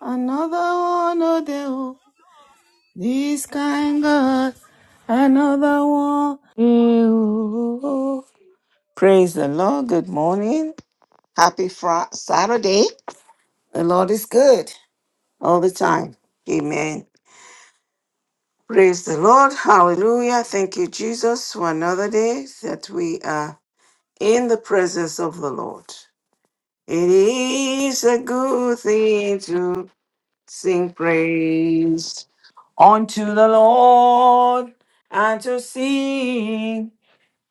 Another one, oh, they, oh. This kind God. Another one. eh, oh, oh. Praise the Lord. Good morning. Happy Friday, Saturday. The Lord is good all the time. Amen. Praise the Lord. Hallelujah. Thank you, Jesus, for another day that we are in the presence of the Lord. It is a good thing to sing praise unto the Lord and to sing,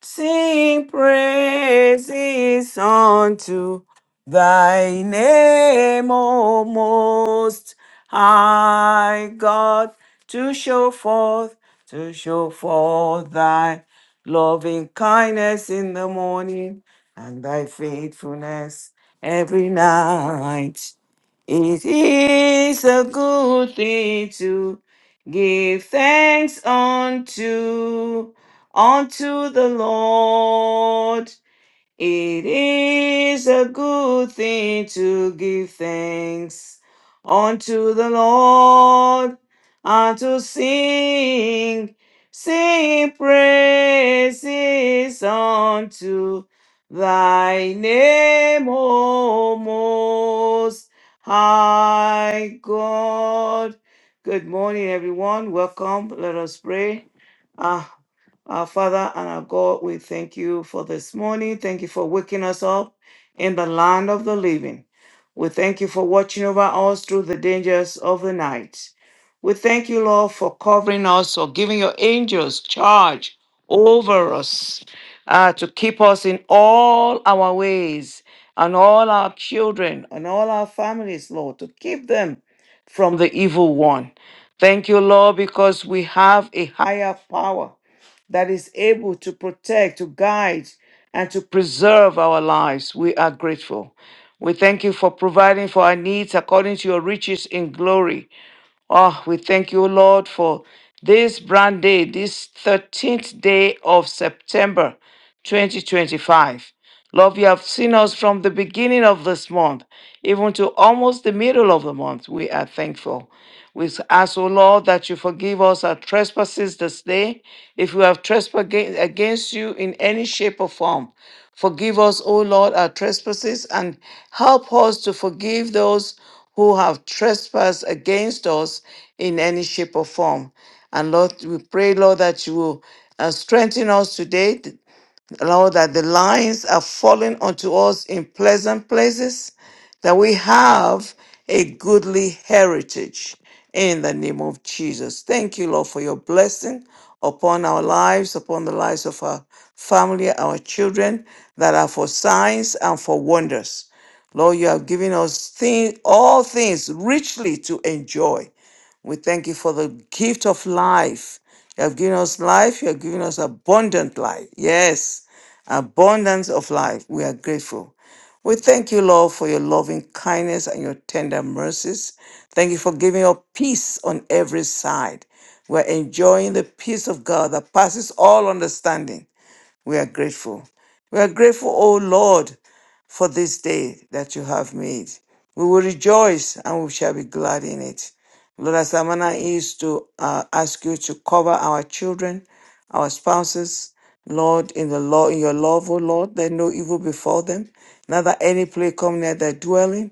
sing praises unto thy name, O most high God, to show forth, to show forth thy loving kindness in the morning and thy faithfulness every night. It is a good thing to give thanks unto unto the Lord it is a good thing to give thanks unto the Lord and to sing, sing praises unto thy name, O Most High God. Good morning, everyone. Welcome. Let us pray. Ah, our Father and our God, we thank you for this morning. Thank you for waking us up in the land of the living. We thank you for watching over us through the dangers of the night. We thank you, Lord, for covering us, for giving your angels charge over us uh, to keep us in all our ways and all our children and all our families, Lord, to keep them from the evil one. Thank you, Lord, because we have a higher power that is able to protect, to guide, and to preserve our lives. We are grateful. We thank you for providing for our needs according to your riches in glory. Oh, we thank you, Lord, for this brand day, this 13th day of September 2025. Lord, you have seen us from the beginning of this month, even to almost the middle of the month. We are thankful. We ask, O Lord, that you forgive us our trespasses this day, if we have trespassed aga- against you in any shape or form. Forgive us, O Lord, our trespasses, and help us to forgive those who have trespassed against us in any shape or form. And Lord, we pray, Lord, that you will uh, strengthen us today th- Lord, that the lines are falling unto us in pleasant places, that we have a goodly heritage in the name of Jesus. Thank you, Lord, for your blessing upon our lives, upon the lives of our family, our children, that are for signs and for wonders. Lord, you have given us thing, all things richly to enjoy. We thank you for the gift of life. You have given us life. You have given us abundant life. Yes, abundance of life. We are grateful. We thank you, Lord, for your loving kindness and your tender mercies. Thank you for giving us peace on every side. We're enjoying the peace of God that passes all understanding. We are grateful. We are grateful, O Lord, for this day that you have made. We will rejoice and we shall be glad in it. Lord, as our manner is to uh, ask you to cover our children, our spouses, Lord, in the law, in your love, O Lord, that no evil befall them, neither any plague come near their dwelling.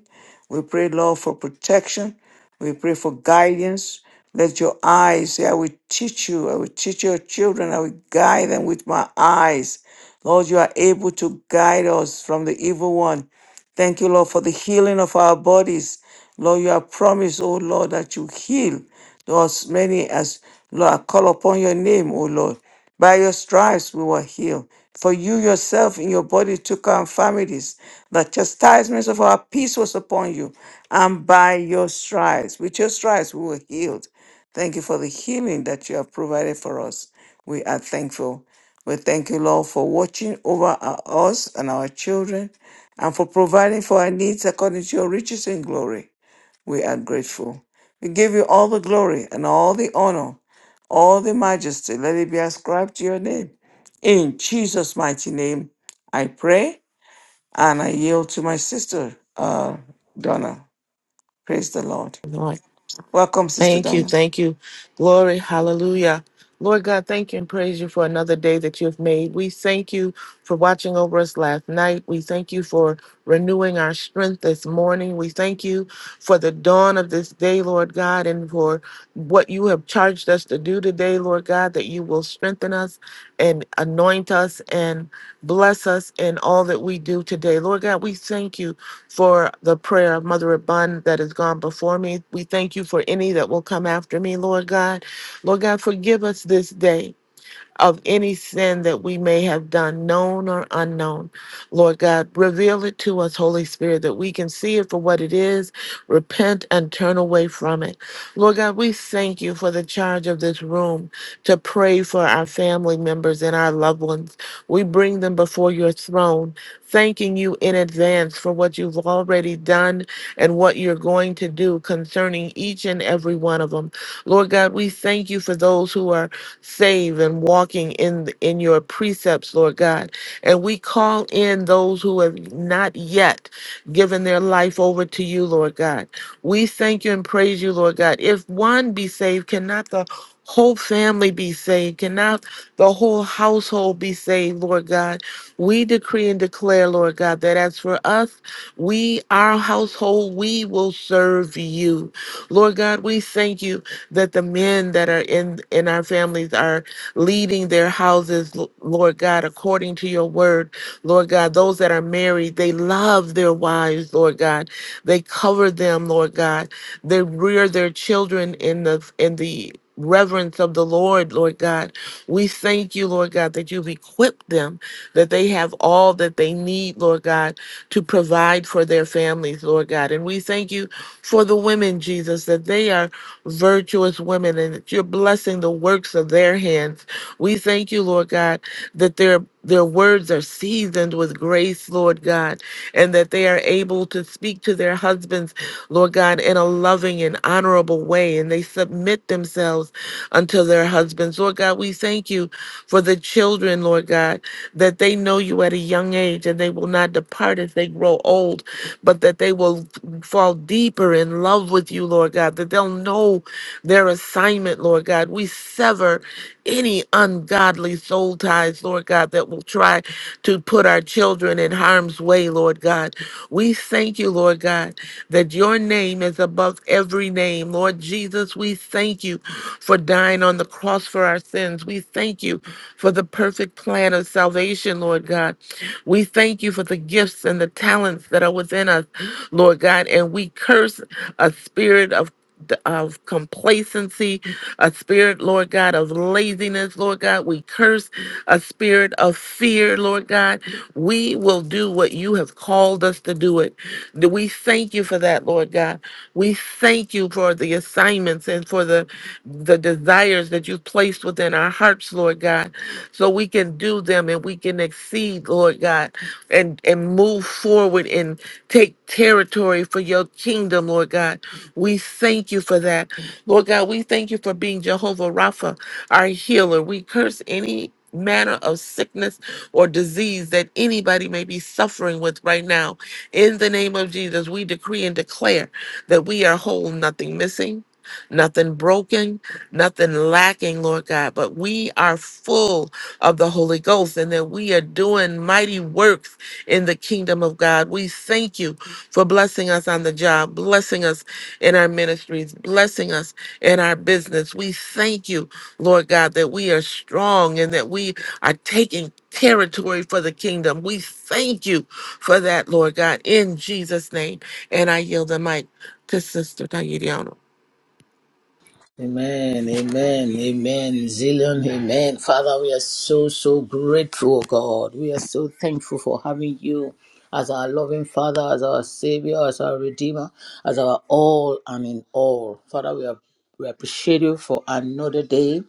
We pray, Lord, for protection. We pray for guidance. Let your eyes say, I will teach you. I will teach your children. I will guide them with my eyes. Lord, you are able to guide us from the evil one. Thank you, Lord, for the healing of our bodies. Lord, you have promised, oh Lord, that you heal those many as Lord call upon your name, oh Lord. By your stripes we were healed. For you yourself in your body took our infirmities. The chastisements of our peace was upon you. And by your stripes, with your stripes, we were healed. Thank you for the healing that you have provided for us. We are thankful. We thank you, Lord, for watching over our- us and our children and for providing for our needs according to your riches and glory. We are grateful. We give you all the glory and all the honor, all the majesty. Let it be ascribed to your name. In Jesus' mighty name, I pray and I yield to my sister, uh, Donna. Praise the Lord. Lord, Welcome, Sister thank you, Donna. thank you. Glory, hallelujah. Lord God, thank you and praise you for another day that you have made. We thank you for watching over us last night. We thank you for renewing our strength this morning. We thank you for the dawn of this day, Lord God, and for what you have charged us to do today, Lord God, that you will strengthen us and anoint us and bless us in all that we do today. Lord God, we thank you for the prayer of Mother Abund that has gone before me. We thank you for any that will come after me, Lord God. Lord God, forgive us this day of any sin that we may have done, known or unknown. Lord God, reveal it to us, Holy Spirit, that we can see it for what it is, repent, and turn away from it. Lord God, we thank you for the charge of this room to pray for our family members and our loved ones. We bring them before your throne, thanking you in advance for what you've already done and what you're going to do concerning each and every one of them. Lord God, we thank you for those who are save and walking in th- in your precepts, Lord God. And we call in those who have not yet given their life over to you, Lord God. We thank you and praise you, Lord God. If one be saved, cannot the whole family be saved? Cannot the whole household be saved, Lord God? We decree and declare, Lord God, that as for us, we, our household, we will serve you. Lord God, we thank you that the men that are in in our families are leading their houses, L- Lord God, according to your word. Lord God, those that are married, they love their wives, Lord God. They cover them, Lord God. They rear their children in the in the reverence of the Lord, Lord God. We thank you, Lord God, that you've equipped them, that they have all that they need, Lord God, to provide for their families, Lord God. And we thank you for the women, Jesus, that they are virtuous women and that you're blessing the works of their hands. We thank you, Lord God, that their their words are seasoned with grace, Lord God, and that they are able to speak to their husbands, Lord God, in a loving and honorable way, and they submit themselves unto their husbands. Lord God, we thank you for the children, Lord God, that they know you at a young age and they will not depart as they grow old but that they will fall deeper in love with you, Lord God, that they'll know their assignment, Lord God. We sever any ungodly soul ties, Lord God, that will try to put our children in harm's way, Lord God. We thank you, Lord God, that your name is above every name. Lord Jesus, we thank you for dying on the cross for our sins. We thank you for the perfect plan of salvation, Lord God. We thank you for the gifts and the talents that are within us, Lord God, and we curse a spirit of th- of complacency, a spirit, Lord God, of laziness, Lord God. We curse a spirit of fear, Lord God. We will do what you have called us to do it. Do We thank you for that, Lord God. We thank you for the assignments and for the, the desires that you've placed within our hearts, Lord God, so we can do them and we can exceed, Lord God, and, and move forward and take territory for your kingdom, Lord God. We thank you for that. Lord God, we thank you for being Jehovah Rapha, our healer. We curse any manner of sickness or disease that anybody may be suffering with right now. In the name of Jesus, we decree and declare that we are whole, nothing missing. Nothing broken, nothing lacking, Lord God, but we are full of the Holy Ghost and that we are doing mighty works in the kingdom of God. We thank you for blessing us on the job, blessing us in our ministries, blessing us in our business. We thank you, Lord God, that we are strong and that we are taking territory for the kingdom. We thank you for that, Lord God, in Jesus' name. And I yield the mic to Sister Tayiriano. Amen, amen, amen, zillion, amen. Father, we are so, so grateful, oh God. We are so thankful for having you as our loving Father, as our Savior, as our Redeemer, as our all and in all. Father, we, are, we appreciate you for another day.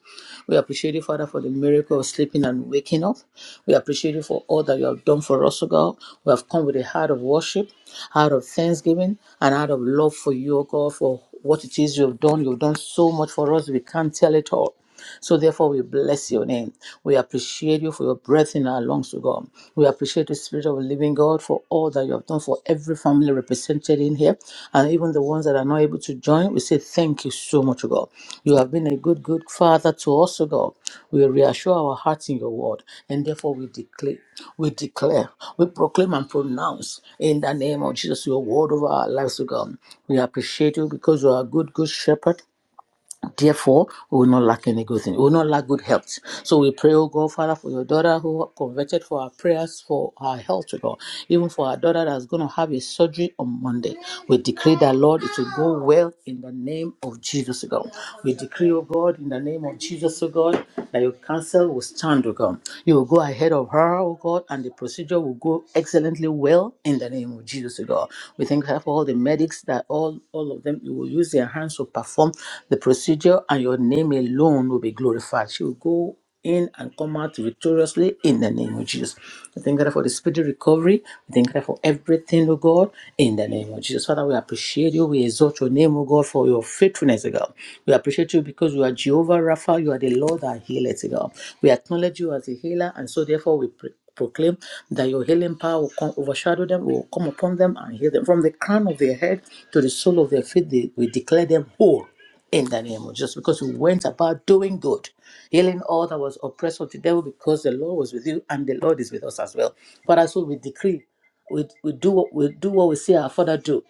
We appreciate you, Father, for the miracle of sleeping and waking up. We appreciate you for all that you have done for us, O God. We have come with a heart of worship, heart of thanksgiving, and heart of love for you, O God, for what it is you have done. You've done so much for us. We can't tell it all. So therefore, we bless your name. We appreciate you for your breath in our lungs, O God. We appreciate the Spirit of the Living God for all that you have done for every family represented in here, and even the ones that are not able to join. We say thank you so much, O God. You have been a good, good Father to us, O God. We reassure our hearts in your word, and therefore we declare, we declare, we proclaim and pronounce in the name of Jesus your word over our lives, O God. We appreciate you because you are a good, good shepherd. Therefore, we will not lack any good thing. We will not lack good health. So we pray, oh God, Father, for your daughter who converted for our prayers for her health, oh God. Even for our daughter that's going to have a surgery on Monday. We decree that, Lord, it will go well in the name of Jesus, oh God. We decree, oh God, in the name of Jesus, oh God, that your counsel will stand, oh God. You will go ahead of her, oh God, and the procedure will go excellently well in the name of Jesus, O God. We thank you for all the medics that all, all of them, you will use their hands to perform the procedure and your name alone will be glorified. She will go in and come out victoriously in the name of Jesus. We thank God for the speedy recovery. We thank God for everything, O God, in the name of Jesus. Father, we appreciate you. We exalt your name, O God, for your faithfulness, O God. We appreciate you because you are Jehovah Rapha. You are the Lord that healeth, O God. We acknowledge you as a healer, and so therefore we pray proclaim that your healing power will come overshadow them, will come upon them and heal them. From the crown of their head to the sole of their feet, they, we declare them whole in the name of Jesus because we went about doing good, healing all that was oppressed of the devil because the Lord was with you and the Lord is with us as well. But as we decree, we, we do what we do what we see our Father do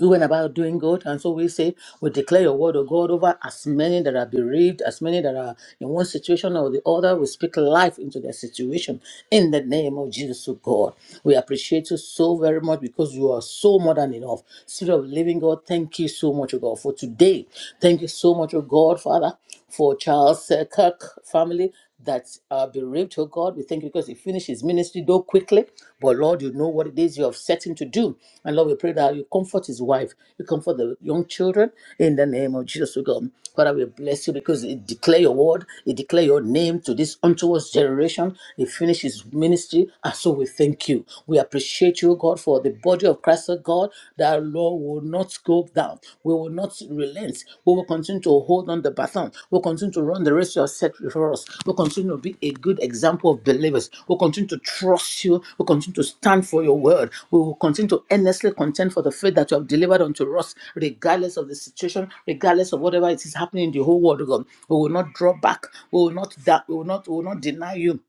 we went about doing good, and so we say we declare your word of God over as many that are bereaved, as many that are in one situation or the other. We speak life into their situation in the name of Jesus, oh God. We appreciate you so very much because you are so more than enough. Spirit of Living God, thank you so much, oh God, for today. Thank you so much, oh God, Father, for Charles uh, Kirk family that are bereaved, oh God. We thank you because he finished his ministry, though quickly, but Lord, you know what it is you have set him to do. And Lord, we pray that you comfort his wife, you comfort the young children in the name of Jesus, oh God. Father, we bless you because it declare your word, it declare your name to this untowards generation. He finished his ministry, and so we thank you. We appreciate you, oh God, for the body of Christ, oh God, that Lord will not go down. We will not relent. We will continue to hold on the baton. We'll continue to run the race you have set before us. We'll continue to be a good example of believers. We'll continue to trust you. We'll continue to stand for your word. We will continue to earnestly contend for the faith that you have delivered unto us, regardless of the situation, regardless of whatever it is happening in the whole world, oh God. We will not draw back. We will not that we will not we will not deny you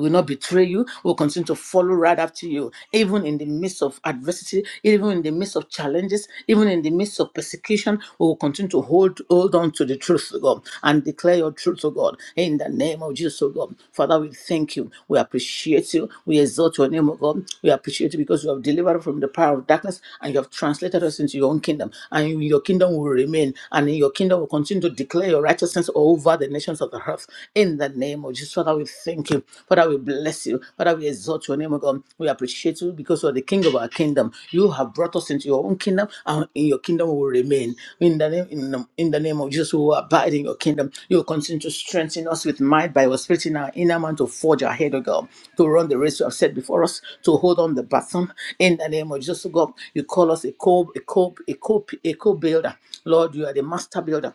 will not betray you, will continue to follow right after you, even in the midst of adversity, even in the midst of challenges, even in the midst of persecution, we will continue to hold hold on to the truth of God and declare your truth to God in the name of Jesus, oh God. Father, we thank you. We appreciate you. We exalt your name, O God. We appreciate you because you have delivered us from the power of darkness and you have translated us into your own kingdom. And in your kingdom will remain. And in your kingdom will continue to declare your righteousness over the nations of the earth cross in the name of Jesus. Father, we thank you. Father, we bless you. Father, we exalt your name, O God. We appreciate you because you are the King of our kingdom. You have brought us into your own kingdom, and in your kingdom we will remain. In the name, in the, in the name of Jesus, we will abide in your kingdom. You will continue to strengthen us with might by your spirit in our inner man to forge ahead, O God, to run the race you have set before us, to hold on the baton. In the name of Jesus, O God, you call us a co, a co, a co, a co-builder. Lord, you are the master builder.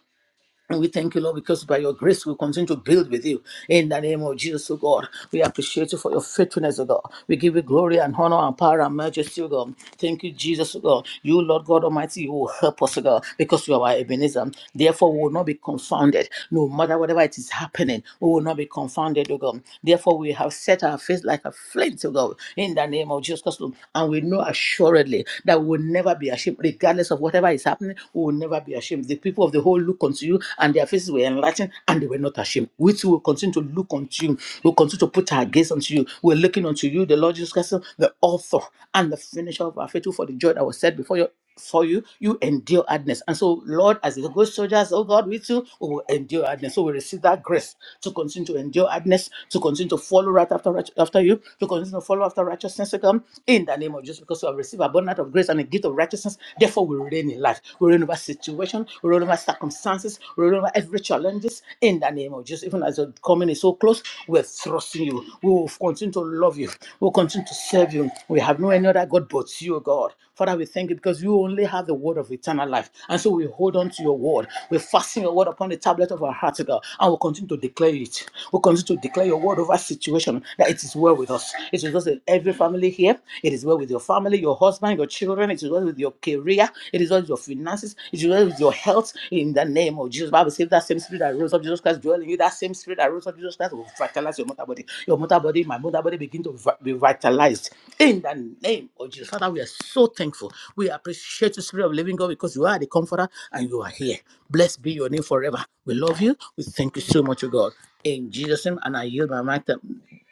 And we thank you, Lord, because by your grace we continue to build with you. In the name of Jesus, oh God, we appreciate you for your faithfulness, oh God. We give you glory and honor and power and majesty, oh God. Thank you, Jesus, oh God. You, Lord God Almighty, you will help us, oh God, because you are our Ebenezer. Therefore, we will not be confounded. No matter whatever it is happening, we will not be confounded, oh God. Therefore, we have set our face like a flint, oh God, in the name of Jesus Christ. Lord. And we know assuredly that we will never be ashamed, regardless of whatever is happening, we will never be ashamed ashamed. The people of the whole look unto you, and their faces were enlightened, and they were not ashamed. We too will continue to look unto you. We'll continue to put our gaze unto you. We're looking unto you, the Lord Jesus Christ, the author and the finisher of our faith, who for the joy that was set before you for you, you endure hardness. And so, Lord, as the good soldiers, oh God, we too we will endure hardness. So we receive that grace to continue to endure hardness, to continue to follow right after right- after you, to continue to follow after righteousness to come in the name of Jesus, because we have received abundance of grace and a gift of righteousness. Therefore, we reign ordained in life. We reign over situation, we reign over circumstances, we reign over every challenges in the name of Jesus. Even as your coming is so close, we're trusting you. We will continue to love you. We'll continue to serve you. We have no any other God but you, God. Father, we thank you because you only have the word of eternal life. And so we hold on to your word. We fasten your word upon the tablet of our heart, God, and we'll continue to declare it. We'll continue to declare your word over situation that it is well with us. It is well with every family here. It is well with your family, your husband, your children. It is well with your career. It is well with your finances. It is well with your health. In the name of Jesus, Bible says that same spirit that rose up Jesus Christ dwell in you. That same spirit that rose up Jesus Christ will vitalize your mother body. Your mother body, my mother body, begin to vi- be vitalized. In the name of Jesus, Father, we are so thankful. We appreciate the Spirit of Living God, because you are the Comforter and you are here. Blessed be your name forever. We love you. We thank you so much, O God. In Jesus' name, and I yield my mic to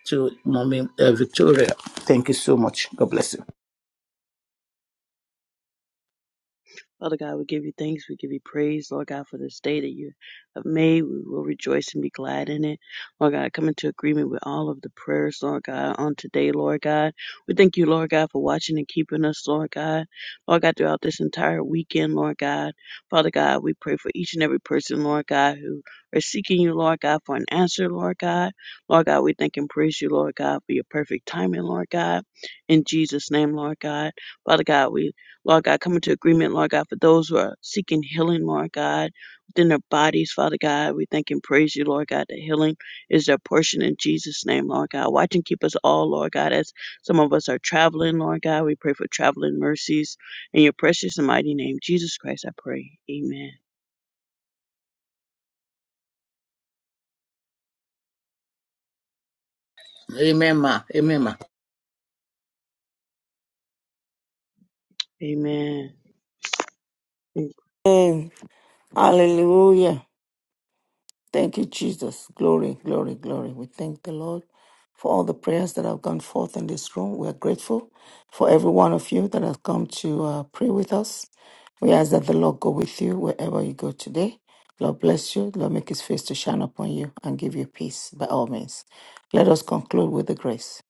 to Mommy uh, Victoria. Thank you so much. God bless you. Father God, we give you thanks. We give you praise, Lord God, for this day that you have made. We will rejoice and be glad in it. Lord God, I come into agreement with all of the prayers, Lord God, on today, Lord God. We thank you, Lord God, for watching and keeping us, Lord God. Lord God, throughout this entire weekend, Lord God. Father God, we pray for each and every person, Lord God, who are seeking you, Lord God, for an answer, Lord God. Lord God, we thank and praise you, Lord God, for your perfect timing, Lord God. In Jesus' name, Lord God. Father God, we Lord God, come into agreement, Lord God, for those who are seeking healing, Lord God, within their bodies, Father God. We thank and praise you, Lord God, that healing is their portion in Jesus' name, Lord God. Watch and keep us all, Lord God, as some of us are traveling, Lord God. We pray for traveling mercies. In your precious and mighty name, Jesus Christ, I pray. Amen. Amen, ma. Amen, ma. Amen. Mm. Amen. Hallelujah. Thank you, Jesus. Glory, glory, glory. We thank the Lord for all the prayers that have gone forth in this room. We are grateful for every one of you that has come to uh, pray with us. We ask that the Lord go with you wherever you go today. Lord bless you. Lord make his face to shine upon you and give you peace by all means. Let us conclude with the grace.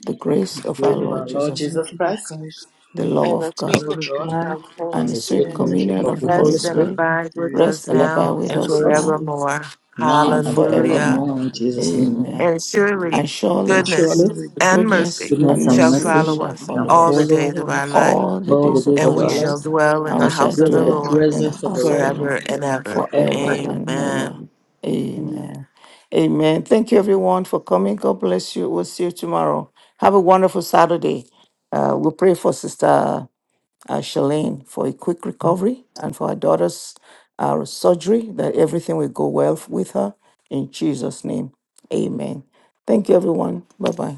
The grace of our Grace of Praise our Lord the Lord Jesus, Lord Jesus Jesus Christ, Christ, the love and of as the the we God, love love of of communion God, God, our Holy and and the the sweet sweet and Spirit the fellowship free communion of of the the Holy Holy rest communion and of Spirit the Spirit Holy abide with Spirit, rest us and rest abide and now is with abide and and with us abide us with now us forevermore. now and and now Hallelujah. forevermore. forevermore and in Jesus' forevermore. name. Amen. Amen. And Amen. And surely And surely goodness surely, Truly, and goodness mercy goodness and and goodness shall mercy mercy and follow shall us mercy shall follow all the shall us days follow of follow us our us life, all the all the all days of days the and our of days we our of our lives, shall life. lives dwell in and the we as we shall house of dwell in in the the the dwell church Lord in the world presence of the house and of Lord the also Lord forever the and Lord ever. forever. forever forever and and ever. ever. Amen. Amen. Amen. Amen. Thank you, everyone, for coming. God bless you. We'll see you tomorrow. Have a wonderful Saturday. Uh, we'll pray for Sister uh, Shalane for a quick recovery and for her daughter's uh, surgery, that everything will go well with her. In Jesus' name, amen. Thank you, everyone. Bye bye.